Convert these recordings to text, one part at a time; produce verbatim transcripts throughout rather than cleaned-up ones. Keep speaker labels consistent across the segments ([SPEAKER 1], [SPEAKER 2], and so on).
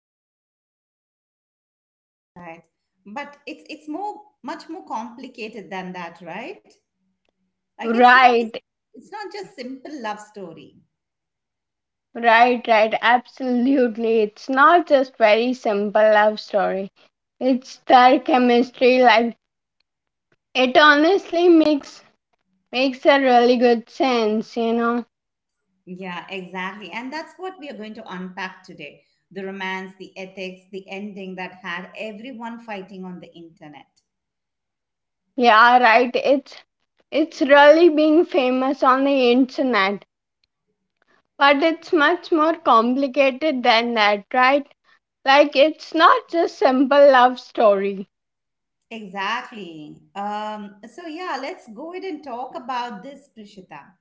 [SPEAKER 1] face.
[SPEAKER 2] that's right. But it's it's more much more complicated than that, right? Like it's not
[SPEAKER 1] Right.
[SPEAKER 2] it's not just simple love story.
[SPEAKER 1] Right, right, absolutely. It's not just very simple love story. It's their chemistry like it honestly makes makes a really good sense, you know.
[SPEAKER 2] Yeah, exactly. And that's what we are going to unpack today. The romance, the ethics, the ending that had everyone fighting on the internet.
[SPEAKER 1] Yeah, right. It's it's really being famous on the internet. But it's much more complicated than that, right? Like it's not just simple love story.
[SPEAKER 2] Exactly. Um, so yeah, let's go ahead and talk about this, Prishita.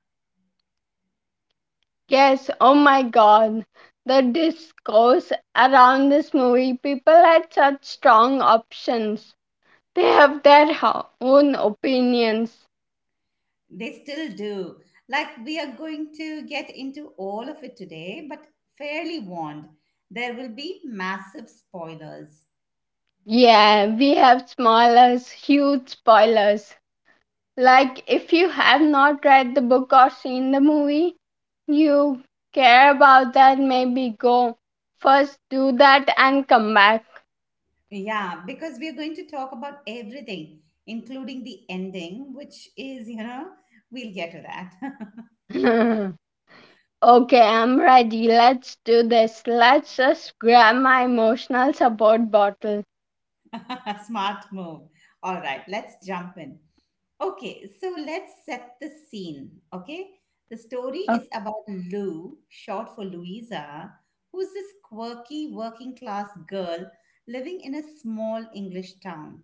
[SPEAKER 1] Yes, oh my god. The discourse around this movie, people had such strong options. They have their ho- own opinions.
[SPEAKER 2] They still do. Like, we are going to get into all of it today, but fairly warned, there will be massive spoilers.
[SPEAKER 1] Yeah, we have spoilers, huge spoilers. Like, if you have not read the book or seen the movie, you care about that, maybe go. First, do that and come back.
[SPEAKER 2] Yeah, because we are going to talk about everything, including the ending, which is, you know, we'll get to that.
[SPEAKER 1] Okay, I'm ready. Let's do this. Let's just grab my emotional support bottle.
[SPEAKER 2] Smart move. All right, let's jump in. Okay, so let's set the scene. Okay, the story
[SPEAKER 1] Oh,
[SPEAKER 2] is about Lou, short for Louisa, who's this quirky working class girl living in a small English town.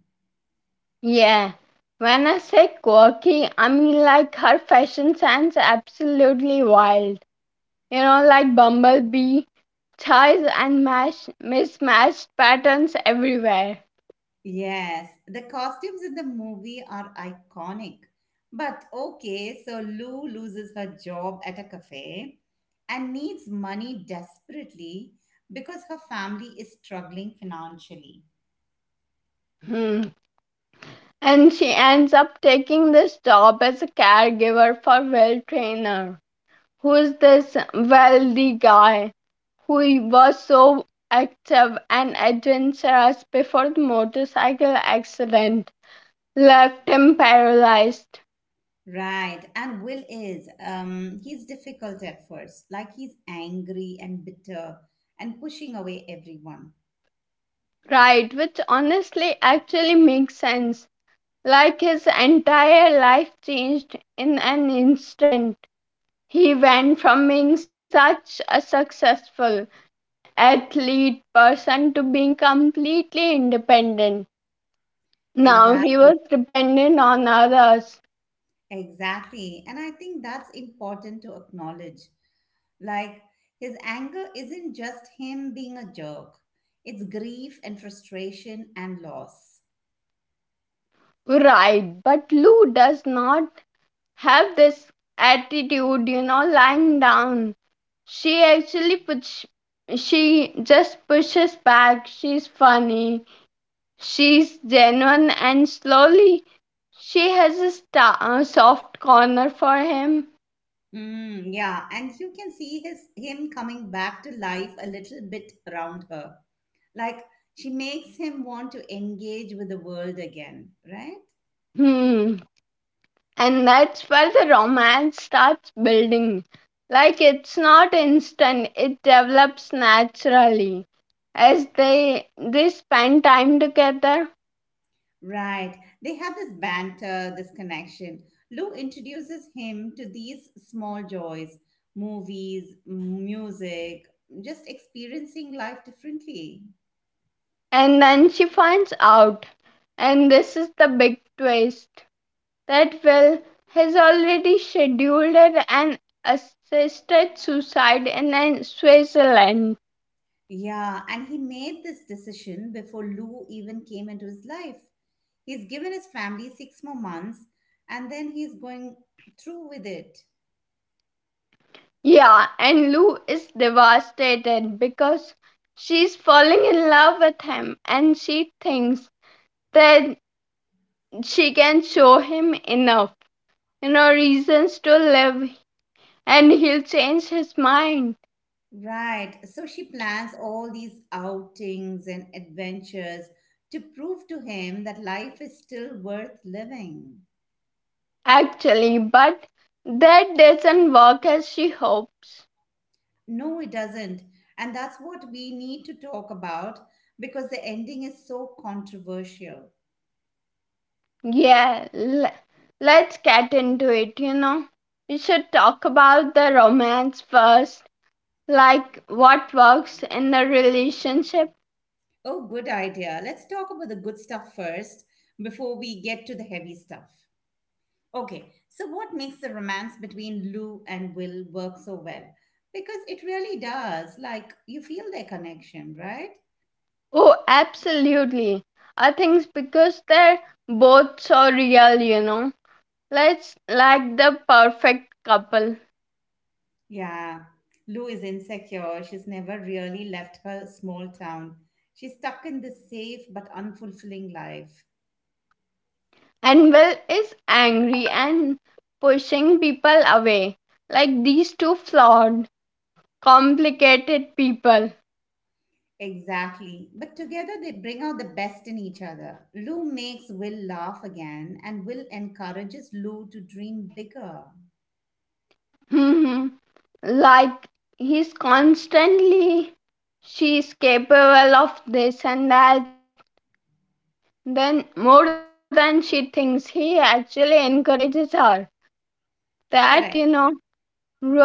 [SPEAKER 1] yeah. When I say quirky, I mean like her fashion sense absolutely wild. You know, like bumblebee, ties and mash, mismatched patterns everywhere.
[SPEAKER 2] Yes, the costumes in the movie are iconic. But okay, so Lou loses her job at a cafe and needs money desperately because her family is struggling financially.
[SPEAKER 1] Hmm. And she ends up taking this job as a caregiver for Will Trainer, who's this wealthy guy who was so active and adventurous before the motorcycle accident left him paralyzed.
[SPEAKER 2] Right. And Will is, um, he's difficult at first. Like he's angry and bitter and pushing away everyone.
[SPEAKER 1] Right, which honestly actually makes sense. Like his entire life changed in an instant. He went from being such a successful athlete person to being completely independent. Now he
[SPEAKER 2] Exactly.
[SPEAKER 1] was dependent on others.
[SPEAKER 2] Exactly. And I think that's important to acknowledge. Like his anger isn't just him being a jerk, it's grief and frustration and loss.
[SPEAKER 1] Right, but Lou does not have this attitude, you know, lying down. She actually puts, she just pushes back. She's funny, she's genuine, and slowly she has a star, uh, soft corner for him.
[SPEAKER 2] Mm, yeah. And you can see his him coming back to life a little bit around her. Like she makes him want to engage with the world again, right?
[SPEAKER 1] Hmm. And that's where the romance starts building. Like it's not instant, it develops naturally as they they spend time together.
[SPEAKER 2] Right. They have this banter, this connection. Lou introduces him to these small joys, movies, music, just experiencing life differently.
[SPEAKER 1] And then she finds out, and this is the big twist, that Will has already scheduled an assisted suicide in uh, Switzerland.
[SPEAKER 2] Yeah, and he made this decision before Lou even came into his life. He's given his family six more months and then he's going through with it.
[SPEAKER 1] Yeah, and Lou is devastated because she's falling in love with him, and she thinks that she can show him enough, you know, reasons to live and he'll change his mind.
[SPEAKER 2] Right. So she plans all these outings and adventures to prove to him that life is still worth living.
[SPEAKER 1] Actually, but that doesn't work as she hopes.
[SPEAKER 2] No, it doesn't. And that's what we need to talk about because the ending is so controversial.
[SPEAKER 1] Yeah, l- let's get into it, you know. We should talk about the romance first, like what works in the relationship.
[SPEAKER 2] Oh, good idea. Let's talk about the good stuff first before we get to the heavy stuff. Okay, so what makes the romance between Lou and Will work so well? Because it really does. Like, you feel their connection, right?
[SPEAKER 1] Oh, absolutely. I think it's because they're both so real, you know. Let's like the perfect couple.
[SPEAKER 2] Yeah, Lou is insecure. She's never really left her small town. She's stuck in this safe but unfulfilling life.
[SPEAKER 1] And Will is angry and pushing people away. Like these two flawed complicated people.
[SPEAKER 2] Exactly. But together they bring out the best in each other. Lou makes Will laugh again, and Will encourages Lou to dream bigger.
[SPEAKER 1] Mhm. Like he's constantly she's capable of this and that, then more than she thinks, he actually encourages her that, you
[SPEAKER 2] Correct.
[SPEAKER 1] know,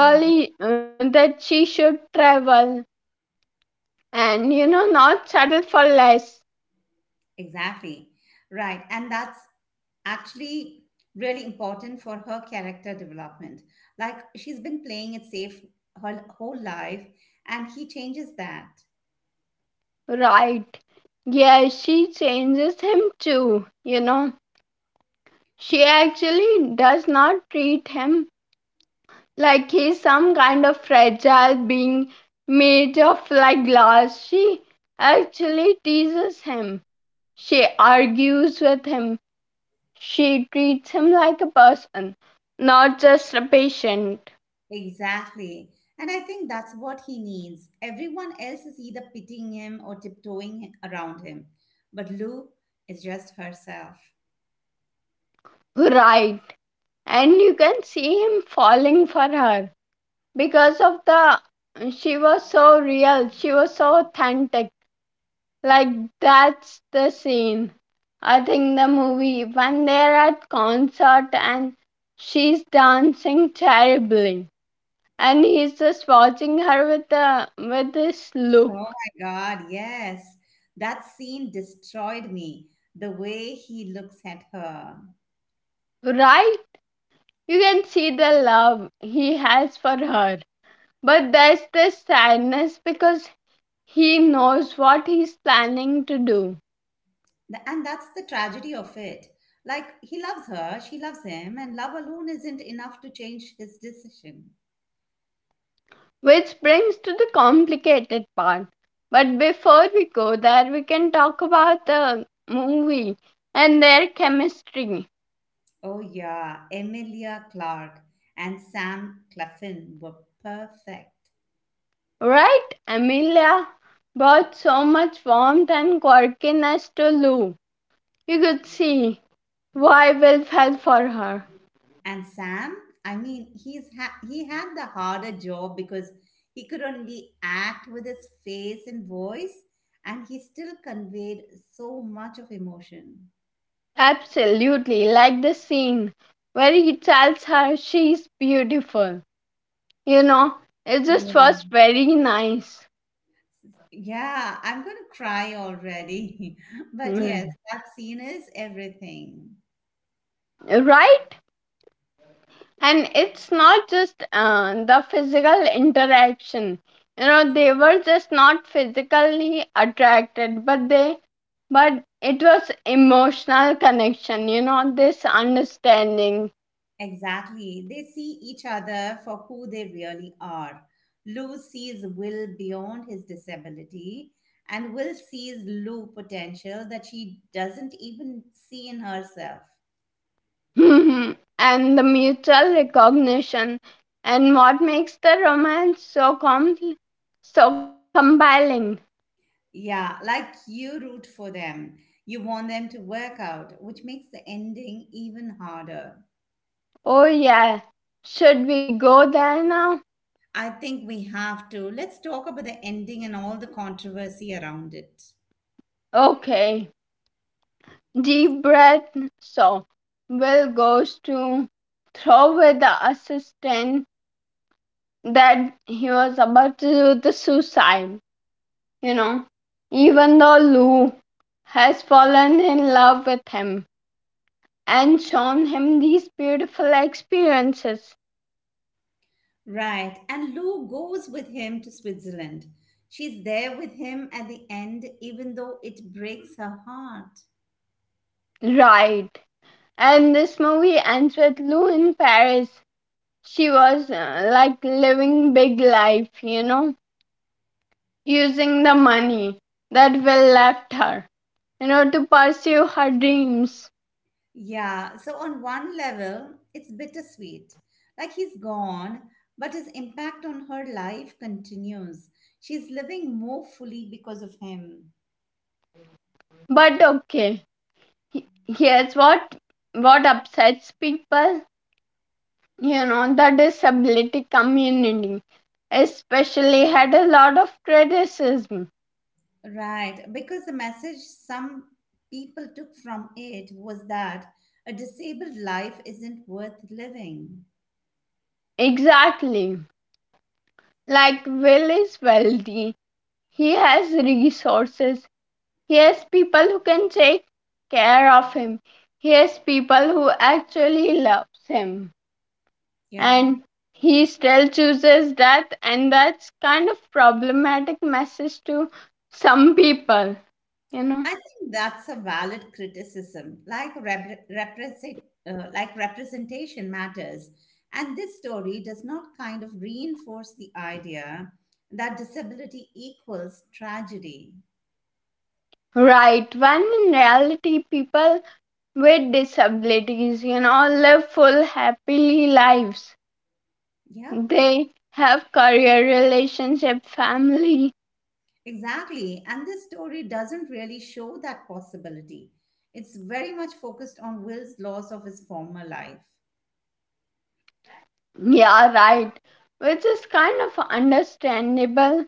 [SPEAKER 2] Yeah,
[SPEAKER 1] uh, that she should travel, and you know, not settle for less.
[SPEAKER 2] exactly. Right. And that's actually really important for her character development. Like she's been playing it safe her whole life, and he changes that.
[SPEAKER 1] Right. Yeah, she changes him too, you know. She actually does not treat him like he's some kind of fragile being made of like glass. She actually teases him. She argues with him. She treats him like a person, not just a patient.
[SPEAKER 2] Exactly. And I think that's what he needs. Everyone else is either pitying him or tiptoeing around him. But Lou is just herself.
[SPEAKER 1] Right. And you can see him falling for her because of the, she was so real, she was so authentic. Like that's the scene, I think, the movie when they're at concert and she's dancing terribly and he's just watching her with the with this
[SPEAKER 2] Oh
[SPEAKER 1] look.
[SPEAKER 2] my God, yes. That scene destroyed me. The way he looks at her.
[SPEAKER 1] Right? You can see the love he has for her. But there's this sadness because he knows what he's planning to do.
[SPEAKER 2] Th- And that's the tragedy of it. Like, he loves her, she loves him, and love alone isn't enough to change his decision.
[SPEAKER 1] Which brings to the complicated part. But before we go there, we can talk about the movie and their chemistry.
[SPEAKER 2] Oh, yeah. Emilia Clarke and Sam Claflin were perfect.
[SPEAKER 1] Right? Amelia brought so much warmth and quirkiness to Lou. You could see why Will fell for her.
[SPEAKER 2] And Sam, I mean, he's ha- he had the harder job because he could only act with his face and voice, and he still conveyed so much of emotion.
[SPEAKER 1] Absolutely, like the scene where he tells her she's beautiful. You know, it
[SPEAKER 2] Yeah,
[SPEAKER 1] just was very nice.
[SPEAKER 2] yeah, I'm going to cry already. But yes,
[SPEAKER 1] Mm.
[SPEAKER 2] that scene is everything.
[SPEAKER 1] Right? And it's not just uh, the physical interaction, you know, they were just not physically attracted, but they but it was emotional connection, you know, this understanding.
[SPEAKER 2] Exactly. They see each other for who they really are. Lou sees Will beyond his disability, and Will sees Lou potential that she doesn't even see in herself.
[SPEAKER 1] And the mutual recognition and what makes the romance so com- so compelling.
[SPEAKER 2] Yeah, like you root for them. You want them to work out, which makes the ending even harder.
[SPEAKER 1] Oh yeah, should we go there now?
[SPEAKER 2] I think we have to. Let's talk about the ending and all the controversy around it.
[SPEAKER 1] Okay. Deep breath. So Will goes to throw with the assistant, that he was about to do the suicide, you know, even though Lou has fallen in love with him and shown him these beautiful experiences.
[SPEAKER 2] Right. And Lou goes with him to Switzerland. She's there with him at the end, even though it breaks her heart.
[SPEAKER 1] Right. And this movie ends with Lou in Paris. She was uh, like living big life, you know, using the money that Will left her, you know, to pursue her dreams.
[SPEAKER 2] Yeah. So, on one level, it's bittersweet. Like he's gone, but his impact on her life continues. She's living more fully because of him.
[SPEAKER 1] But okay, here's what what upsets people. You know, the disability community especially had a lot of criticism.
[SPEAKER 2] Right. Because the message some people took from it was that a disabled life isn't worth living.
[SPEAKER 1] Exactly. Like Will is wealthy, he has resources, he has people who can take care of him, he has people who actually loves him,
[SPEAKER 2] Yeah.
[SPEAKER 1] and he still chooses death, and that's kind of problematic message to some people, you know.
[SPEAKER 2] I think that's a valid criticism. Like rep- represent, uh, like representation matters, and this story does not kind of reinforce the idea that disability equals tragedy.
[SPEAKER 1] Right, when in reality people with disabilities, you know, live full happily lives.
[SPEAKER 2] Yep,
[SPEAKER 1] They have career relationship family.
[SPEAKER 2] exactly. And this story doesn't really show that possibility. It's very much focused on Will's loss of his former life.
[SPEAKER 1] Yeah, right, which is kind of understandable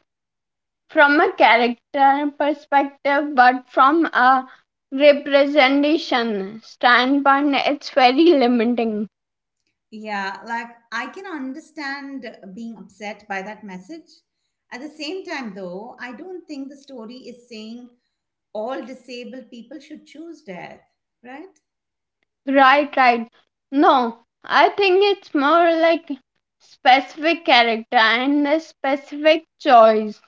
[SPEAKER 1] from a character perspective, but from a representation standpoint, it's very limiting.
[SPEAKER 2] Yeah, like I can understand being upset by that message. At the same time, though, I don't think the story is saying all disabled people should choose death, right?
[SPEAKER 1] Right, right. No, I think it's more like specific character and the specific choice.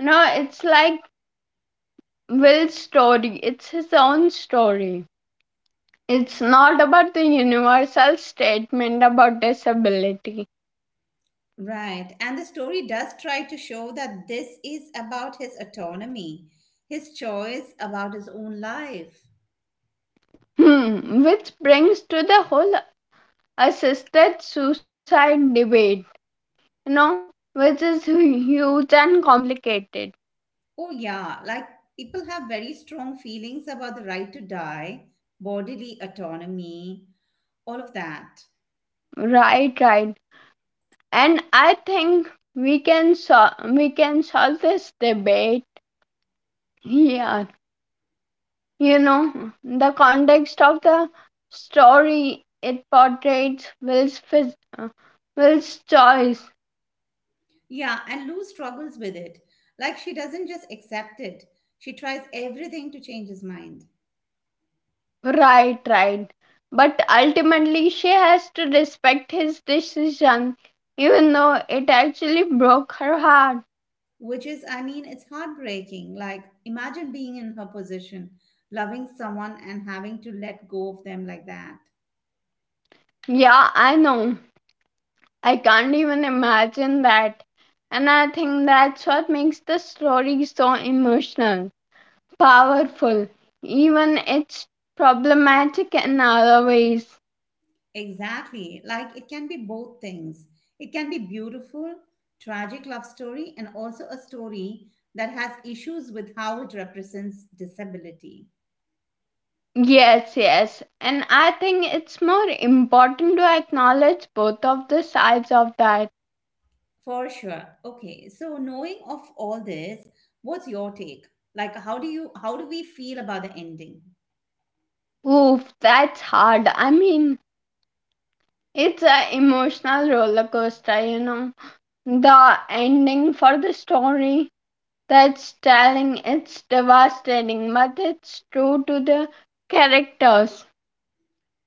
[SPEAKER 1] No, it's like Will's story. It's his own story. It's not about the universal statement about disability.
[SPEAKER 2] Right. And the story does try to show that this is about his autonomy, his choice about his own life.
[SPEAKER 1] Hmm, which brings to the whole assisted suicide debate, you know, which is huge and complicated.
[SPEAKER 2] Oh, yeah, like people have very strong feelings about the right to die, bodily autonomy, all of that.
[SPEAKER 1] Right, right. And I think we can sol- we can solve this debate here. You know, the context of the story, it portrays Will's phys- uh, Will's choice.
[SPEAKER 2] Yeah, and Lou struggles with it. Like she doesn't just accept it, she tries everything to change his mind.
[SPEAKER 1] Right, right. But ultimately, she has to respect his decision, even though it actually broke her heart.
[SPEAKER 2] Which is, I mean, it's heartbreaking. Like, imagine being in her position, loving someone and having to let go of them like that.
[SPEAKER 1] Yeah, I know. I can't even imagine that. And I think that's what makes the story so emotional, powerful, even it's problematic in other ways.
[SPEAKER 2] Exactly. Like, it can be both things. It can be beautiful, tragic love story, and also a story that has issues with how it represents disability.
[SPEAKER 1] Yes, yes. And I think it's more important to acknowledge both of the sides of that.
[SPEAKER 2] For sure. Okay. So knowing of all this, what's your take? Like how do you how do we feel about the ending?
[SPEAKER 1] Oof, that's hard. I mean, it's an emotional roller coaster, you know. The ending for the story, that's telling, it's devastating, but it's true to the characters.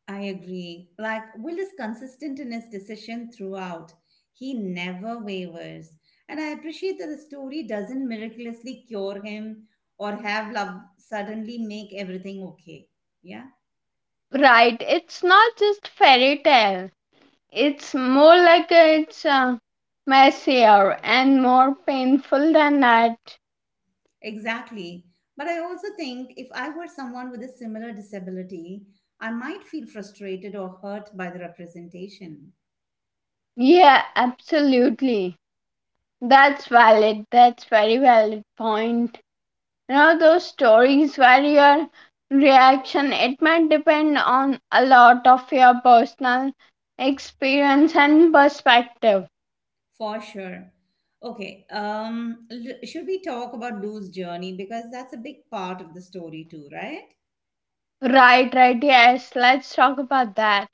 [SPEAKER 2] I agree. Like Will is consistent in his decision throughout. He never wavers. And I appreciate that the story doesn't miraculously cure him or have love suddenly make everything okay. Yeah?
[SPEAKER 1] Right, it's not just fairy tale. It's more like a, it's uh, messier and more painful than that.
[SPEAKER 2] Exactly. But I also think if I were someone with a similar disability, I might feel frustrated or hurt by the representation.
[SPEAKER 1] Yeah, absolutely. That's valid. That's very valid point. You know those stories where your reaction, it might depend on a lot of your personal experience and perspective.
[SPEAKER 2] For sure. Okay. Um, l- should we talk about Lou's journey? Because that's a big part of the story, too, right?
[SPEAKER 1] Right, right, yes. Let's talk about that.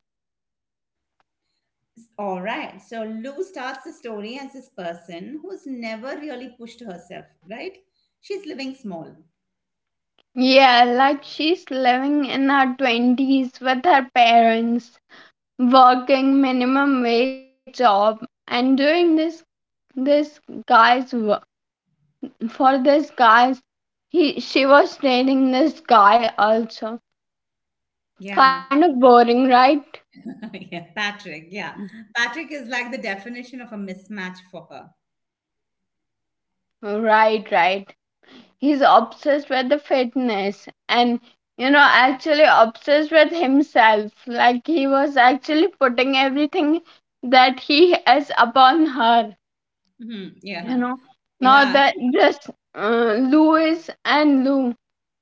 [SPEAKER 2] S- All right. So Lou starts the story as this person who's never really pushed herself, right? She's living small.
[SPEAKER 1] Yeah, like she's living in her twenties with her parents, working minimum wage job and doing this this guy's work, for this guy's, he she was dating this guy also.
[SPEAKER 2] Yeah.
[SPEAKER 1] Kind of boring, right?
[SPEAKER 2] Yeah. Patrick. Yeah. Patrick is like the definition of a mismatch for her.
[SPEAKER 1] Right, right. He's obsessed with the fitness and, you know, actually obsessed with himself, like he was actually putting everything that he has upon her,
[SPEAKER 2] Mhm,
[SPEAKER 1] you
[SPEAKER 2] yeah.
[SPEAKER 1] know, not
[SPEAKER 2] Yeah.
[SPEAKER 1] that
[SPEAKER 2] She,
[SPEAKER 1] just uh, Louis. And Lou,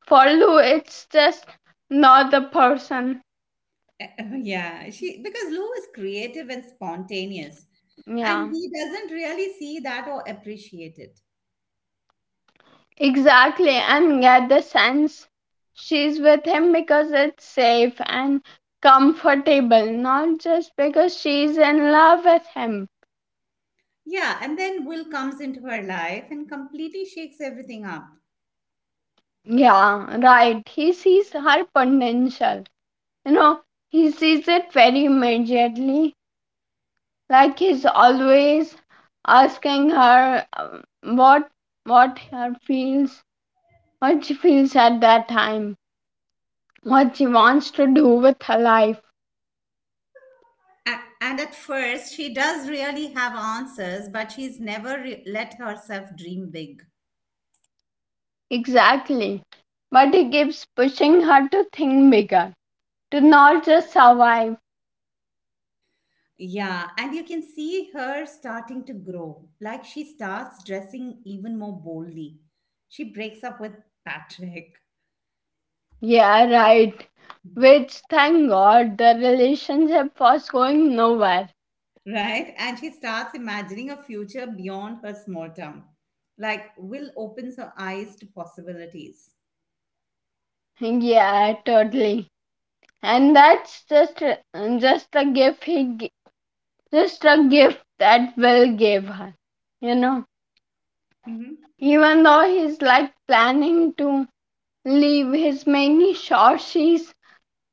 [SPEAKER 1] for Lou it's just not the person.
[SPEAKER 2] yeah. She, because Lou is creative and spontaneous, and
[SPEAKER 1] Yeah,
[SPEAKER 2] he doesn't really see that or appreciate it.
[SPEAKER 1] exactly, and get the sense she's with him because it's safe and comfortable, not just because she's in love with him.
[SPEAKER 2] Yeah, and then Will comes into her life and completely shakes everything up.
[SPEAKER 1] Yeah, right. He sees her potential. You know, he sees it very immediately. Like he's always asking her um, what what her feels, what she feels at that time, what she wants to do with her life.
[SPEAKER 2] A- And at first, she does really have answers, but she's never re- let herself dream big.
[SPEAKER 1] Exactly. But he keeps pushing her to think bigger, to not just survive.
[SPEAKER 2] Yeah, and you can see her starting to grow. Like she starts dressing even more boldly. She breaks up with Patrick.
[SPEAKER 1] Yeah, right. Which, thank God, the relationship was going nowhere.
[SPEAKER 2] Right? And she starts imagining a future beyond her small town. Like, Will opens her eyes to possibilities.
[SPEAKER 1] Yeah, totally. And that's just a- just a gift he gi- just a gift that Will gave her. You know,
[SPEAKER 2] Hmm.
[SPEAKER 1] even though he's like planning to leave, he's making sure she's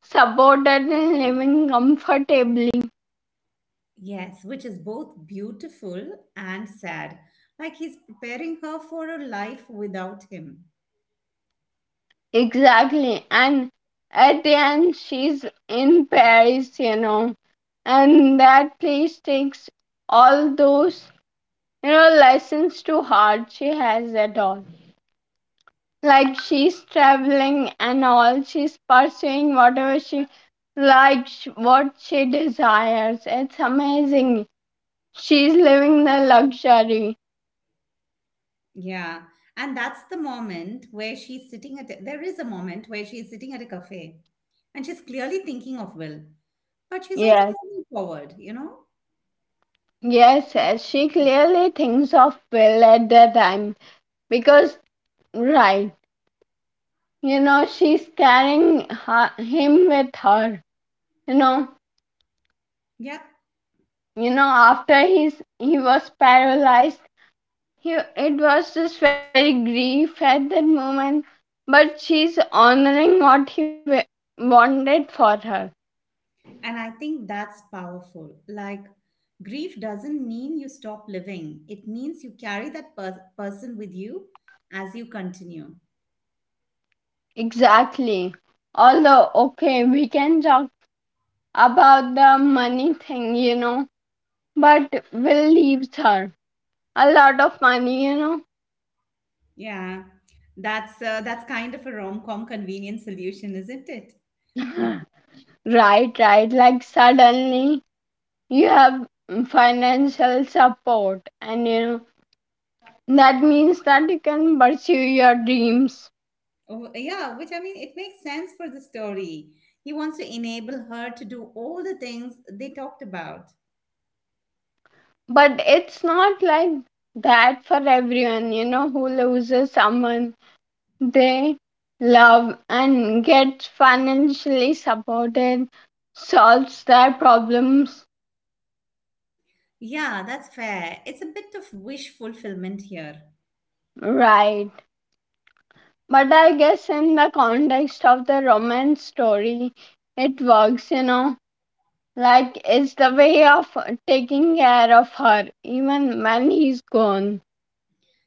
[SPEAKER 1] supported and living comfortably.
[SPEAKER 2] Yes, which is both beautiful and sad. Like, he's preparing her for a life without him.
[SPEAKER 1] Exactly. And at the end, she's in Paris. You know, and that place takes all those, you know, lessons to heart she has at all. Like she's traveling and all, she's pursuing whatever she likes, what she desires, it's amazing, she's living the luxury.
[SPEAKER 2] Yeah. And that's the moment where she's sitting at, there is a moment where she's sitting at a cafe and she's clearly thinking of Will, but she's also
[SPEAKER 1] yes
[SPEAKER 2] moving forward, you know?
[SPEAKER 1] yes yes she clearly thinks of Will at that time because, right, you know, she's carrying her, him with her, you know.
[SPEAKER 2] Yeah.
[SPEAKER 1] You know after he's, he was paralyzed, he, it was just very grief at that moment. But she's honoring what he wa- wanted for her.
[SPEAKER 2] And I think that's powerful. Like, grief doesn't mean you stop living, it means you carry that per- person with you as you continue.
[SPEAKER 1] Exactly. Although, okay, we can talk about the money thing, you know, but Will leaves her a lot of money, you
[SPEAKER 2] Yeah, that's uh, that's kind of a rom com convenient solution, isn't it?
[SPEAKER 1] know. Right, right. Like suddenly you have financial support, and you know, that means that you can pursue your dreams.
[SPEAKER 2] Oh, yeah, which I mean, it makes sense for the story. He wants to enable her to do all the things they talked about.
[SPEAKER 1] But it's not like that for everyone, you know, who loses someone they love, and get financially supported, solves their problems,
[SPEAKER 2] Yeah, that's fair. It's a bit of wish fulfillment here.
[SPEAKER 1] right? But I guess in the context of the romance story, it works, you know. Like, it's the way of taking care of her, even when he's gone.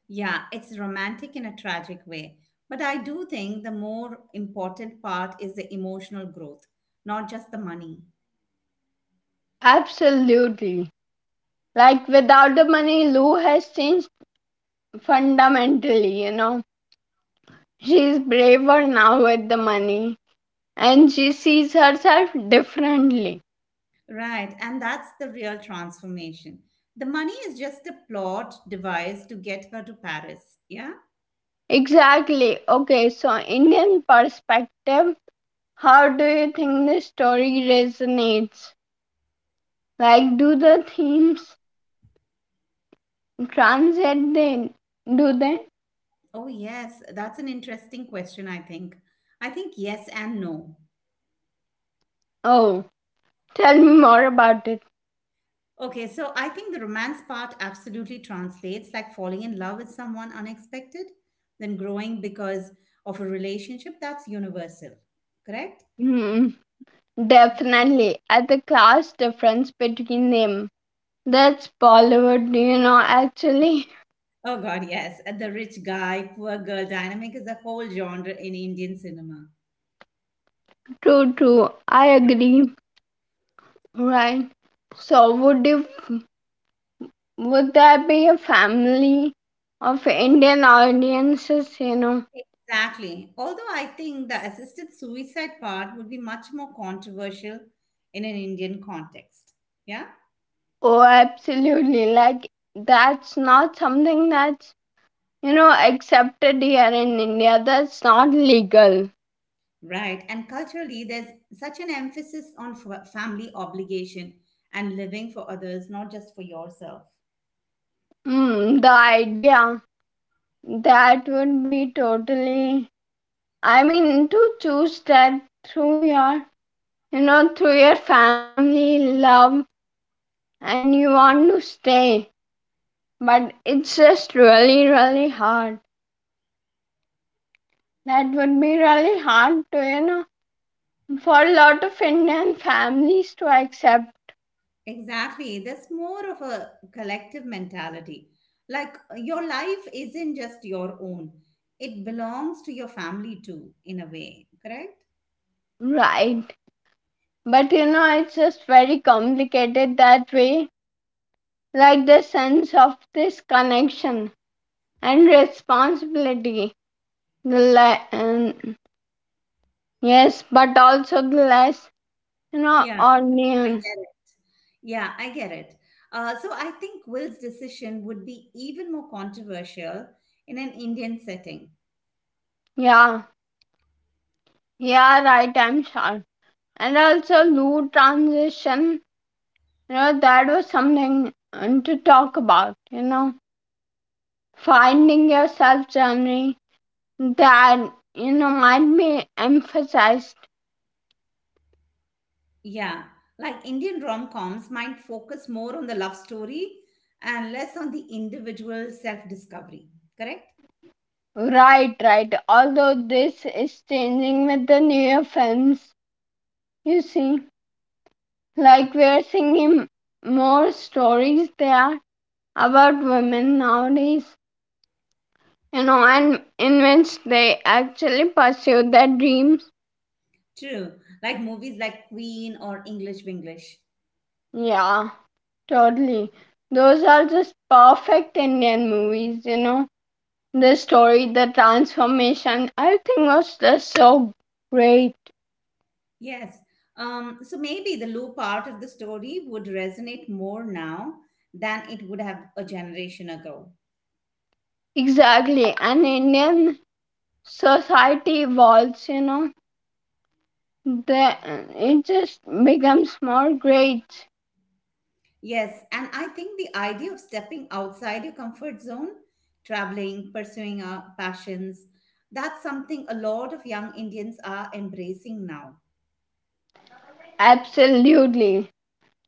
[SPEAKER 2] Yeah, it's romantic in a tragic way. But I do think the more important part is the emotional growth, not just the money.
[SPEAKER 1] Absolutely. Like, without the money, Lou has changed fundamentally, you know. She's braver now with the money, and she sees herself differently.
[SPEAKER 2] Right, and that's the real transformation. The money is just a plot device to get her to Paris. Yeah?
[SPEAKER 1] Exactly. Okay, so Indian perspective, how do you think the story resonates? Like, do the themes translate then? Do they?
[SPEAKER 2] Oh, yes. That's an interesting question, I think. I think yes and no.
[SPEAKER 1] Oh, tell me more about it.
[SPEAKER 2] Okay, so I think the romance part absolutely translates like falling in love with someone unexpected, then growing because of a relationship that's universal, correct?
[SPEAKER 1] Hmm, definitely. At the class difference between them. That's Bollywood, you know, actually.
[SPEAKER 2] Oh, God, yes. And the rich guy, poor girl dynamic is a whole genre in Indian cinema.
[SPEAKER 1] True, true. I agree. Right. So, would you Would that be a family of Indian audiences, you know?
[SPEAKER 2] Exactly. Although I think the assisted suicide part would be much more controversial in an Indian context. Yeah?
[SPEAKER 1] Oh, absolutely. Like, that's not something that's, you know, accepted here in India. That's not legal.
[SPEAKER 2] Right. And culturally, there's such an emphasis on f- family obligation and living for others, not just for yourself.
[SPEAKER 1] Mm, the idea that would be totally, I mean, to choose that through your, you know, through your family love and you want to stay. But it's just really, really hard. That would be really hard to, you know, for a lot of Indian families to accept,
[SPEAKER 2] Exactly. There's more of a collective mentality. Like your life isn't just your own, it belongs to your family too, in a way, correct?
[SPEAKER 1] right? But you know, it's just very complicated that way. Like the sense of this connection and responsibility. The le- um, yes, but also the less, you know,
[SPEAKER 2] Yeah,
[SPEAKER 1] onion.
[SPEAKER 2] yeah, I get it. Uh, so I think Will's decision would be even more controversial in an Indian setting.
[SPEAKER 1] Yeah, yeah, right, I'm sure. And also, Lou transition, you know, that was something um, to talk about, you know. Finding yourself journey that you know might be emphasized.
[SPEAKER 2] Yeah, like Indian rom coms might focus more on the love story and less on the individual self discovery. Correct?
[SPEAKER 1] Right right, although this is changing with the newer films, you see. Like, we're seeing more stories there about women nowadays, you know, and in which they actually pursue their dreams.
[SPEAKER 2] True. Like movies like Queen or English Winglish.
[SPEAKER 1] Yeah, totally. Those are just perfect Indian movies, you know. The story, the transformation, everything was just so great.
[SPEAKER 2] Yes. Um, so maybe the Lou part of the story would resonate more now than it would have a generation ago.
[SPEAKER 1] Exactly, and Indian society evolves, you know, the, it just becomes more great.
[SPEAKER 2] Yes, and I think the idea of stepping outside your comfort zone, traveling, pursuing our passions, that's something a lot of young Indians are embracing now.
[SPEAKER 1] Absolutely.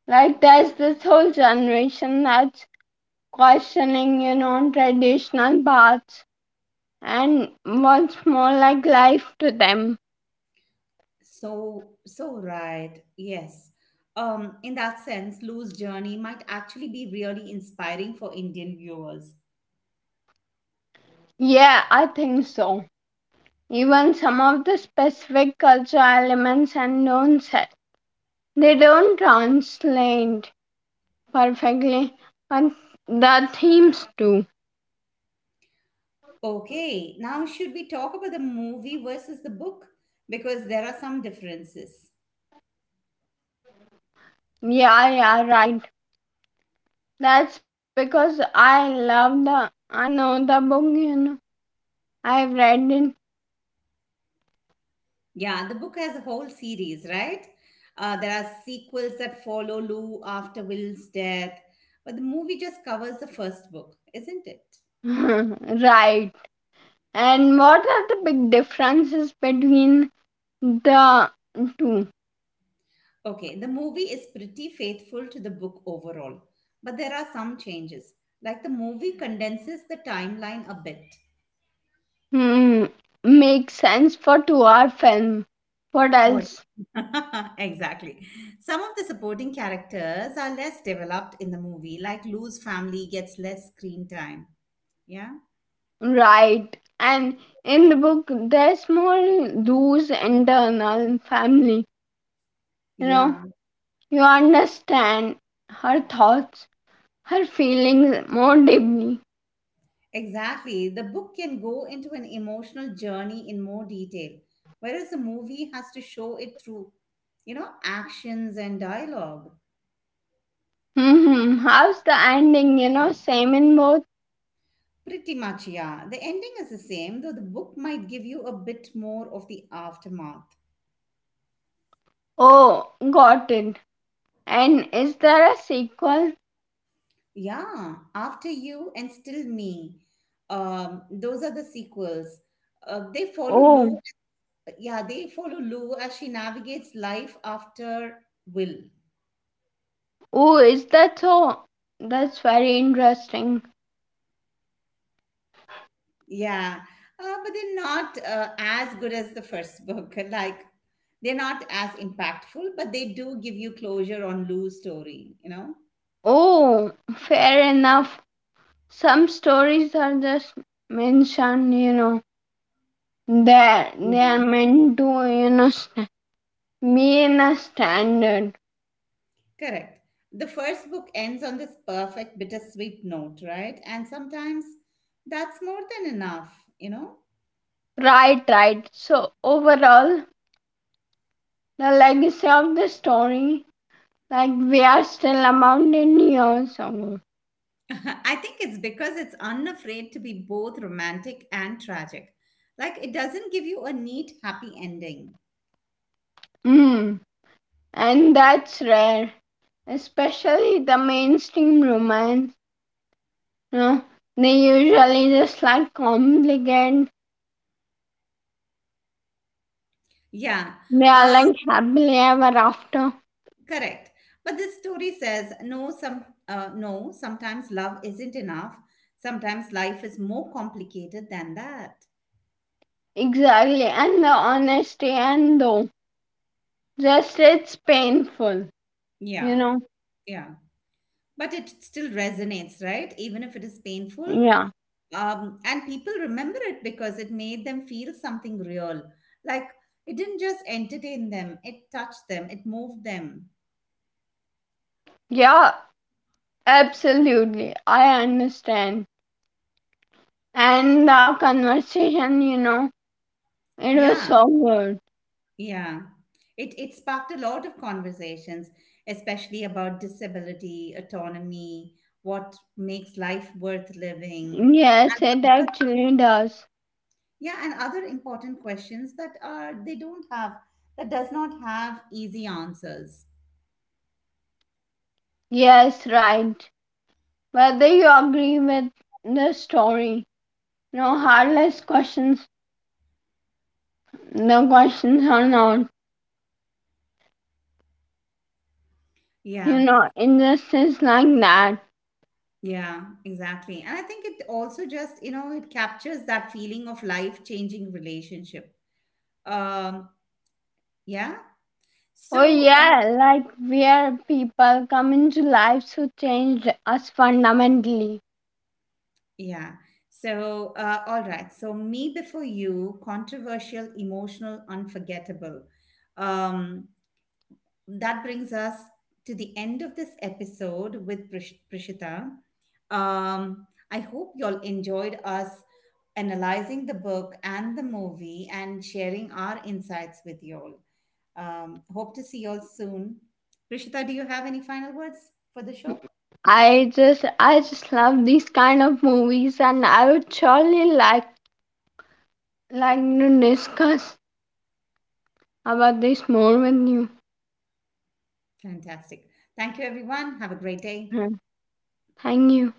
[SPEAKER 1] Like, there's this whole generation that's questioning, you know, traditional paths and what's more like life to them.
[SPEAKER 2] So, so right. Yes. Um, in that sense, Lou's journey might actually be really inspiring for Indian viewers.
[SPEAKER 1] Yeah, I think so. Even some of the specific cultural elements and don't se- they don't translate perfectly, but the themes do.
[SPEAKER 2] Okay, now should we talk about the movie versus the book? Because there are some differences.
[SPEAKER 1] Yeah, yeah, right. That's because I love the. I know the book, you know. I've read it.
[SPEAKER 2] Yeah, the book has a whole series, right? Uh, there are sequels that follow Lou after Will's death, but the movie just covers the first book, isn't it?
[SPEAKER 1] Right. And what are the big differences between the two?
[SPEAKER 2] Okay, the movie is pretty faithful to the book overall, but there are some changes. Like the movie condenses the timeline a bit.
[SPEAKER 1] Hmm. Makes sense for two-hour film. What
[SPEAKER 2] What?
[SPEAKER 1] else?
[SPEAKER 2] Exactly. Some of the supporting characters are less developed in the movie, like Lou's family gets less screen time. Yeah?
[SPEAKER 1] Right. And in the book, there's more those internal family, you know.
[SPEAKER 2] Yeah.
[SPEAKER 1] You understand her thoughts, her feelings more deeply.
[SPEAKER 2] Exactly. The book can go into an emotional journey in more detail, whereas the movie has to show it through, you know, actions and dialogue.
[SPEAKER 1] Hmm, how's the ending, you know, same in both?
[SPEAKER 2] Pretty much, yeah. The ending is the same, though the book might give you a bit more of the aftermath.
[SPEAKER 1] Oh, got it. And is there a sequel?
[SPEAKER 2] Yeah, After You and Still Me. Um, those are the sequels. Uh, they follow
[SPEAKER 1] Oh.
[SPEAKER 2] Lou. Yeah, they follow Lou as she navigates life after Will.
[SPEAKER 1] Oh, is that so? That's very interesting.
[SPEAKER 2] Yeah, uh, but they're not uh, as good as the first book. Like, they're not as impactful, but they do give you closure on Lou's story, you know?
[SPEAKER 1] Oh, fair enough. Some stories are just mentioned, you know, that
[SPEAKER 2] Yeah.
[SPEAKER 1] they are meant to, you know st- be in a standard.
[SPEAKER 2] Correct. The first book ends on this perfect bittersweet note, right? And sometimes that's more than enough, you know?
[SPEAKER 1] Right, right. So overall, the legacy of the story, like we are still about in years old.
[SPEAKER 2] I think it's because it's unafraid to be both romantic and tragic. Like, it doesn't give you a neat, happy ending.
[SPEAKER 1] Mm. And that's rare, especially the mainstream romance. You know, they usually just like complicate.
[SPEAKER 2] Yeah.
[SPEAKER 1] They are like happily ever after.
[SPEAKER 2] Correct. But this story says no some uh, no sometimes love isn't enough. Sometimes life is more complicated than that.
[SPEAKER 1] Exactly, and the honesty and though just it's painful. You
[SPEAKER 2] Yeah.
[SPEAKER 1] know.
[SPEAKER 2] Yeah. But it still resonates, right? Even if it is painful.
[SPEAKER 1] Yeah.
[SPEAKER 2] Um, and people remember it because it made them feel something real. Like it didn't just entertain them, it touched them, it moved them.
[SPEAKER 1] Yeah. Absolutely, I understand. And our conversation, you know, it was
[SPEAKER 2] Yeah.
[SPEAKER 1] so good.
[SPEAKER 2] Yeah. It it sparked a lot of conversations, especially about disability, autonomy, what makes life worth living,
[SPEAKER 1] Yes, it
[SPEAKER 2] and other,
[SPEAKER 1] actually does.
[SPEAKER 2] yeah, and other important questions that are they don't have that does not have easy answers.
[SPEAKER 1] Yes, right. Whether you agree with the story, no heartless questions, the questions are not, you
[SPEAKER 2] Yeah,
[SPEAKER 1] know, injustice like that.
[SPEAKER 2] yeah, exactly. And I think it also just, you know, it captures that feeling of life-changing relationship. Um, yeah.
[SPEAKER 1] Oh,
[SPEAKER 2] So
[SPEAKER 1] yeah, like where people come into lives who changed us fundamentally.
[SPEAKER 2] yeah. So, uh, all right. So, Me Before You, controversial, emotional, unforgettable. Um, that brings us to the end of this episode with Prish- Prishita. Um, I hope y'all enjoyed us analyzing the book and the movie and sharing our insights with y'all. Um, hope to see you all soon. Rishita, do you have any final words for the show?
[SPEAKER 1] I just, I just love these kind of movies, and I would surely like like to discuss about this more with you.
[SPEAKER 2] Fantastic. Thank you, everyone. Have a great day.
[SPEAKER 1] Mhm. Thank you.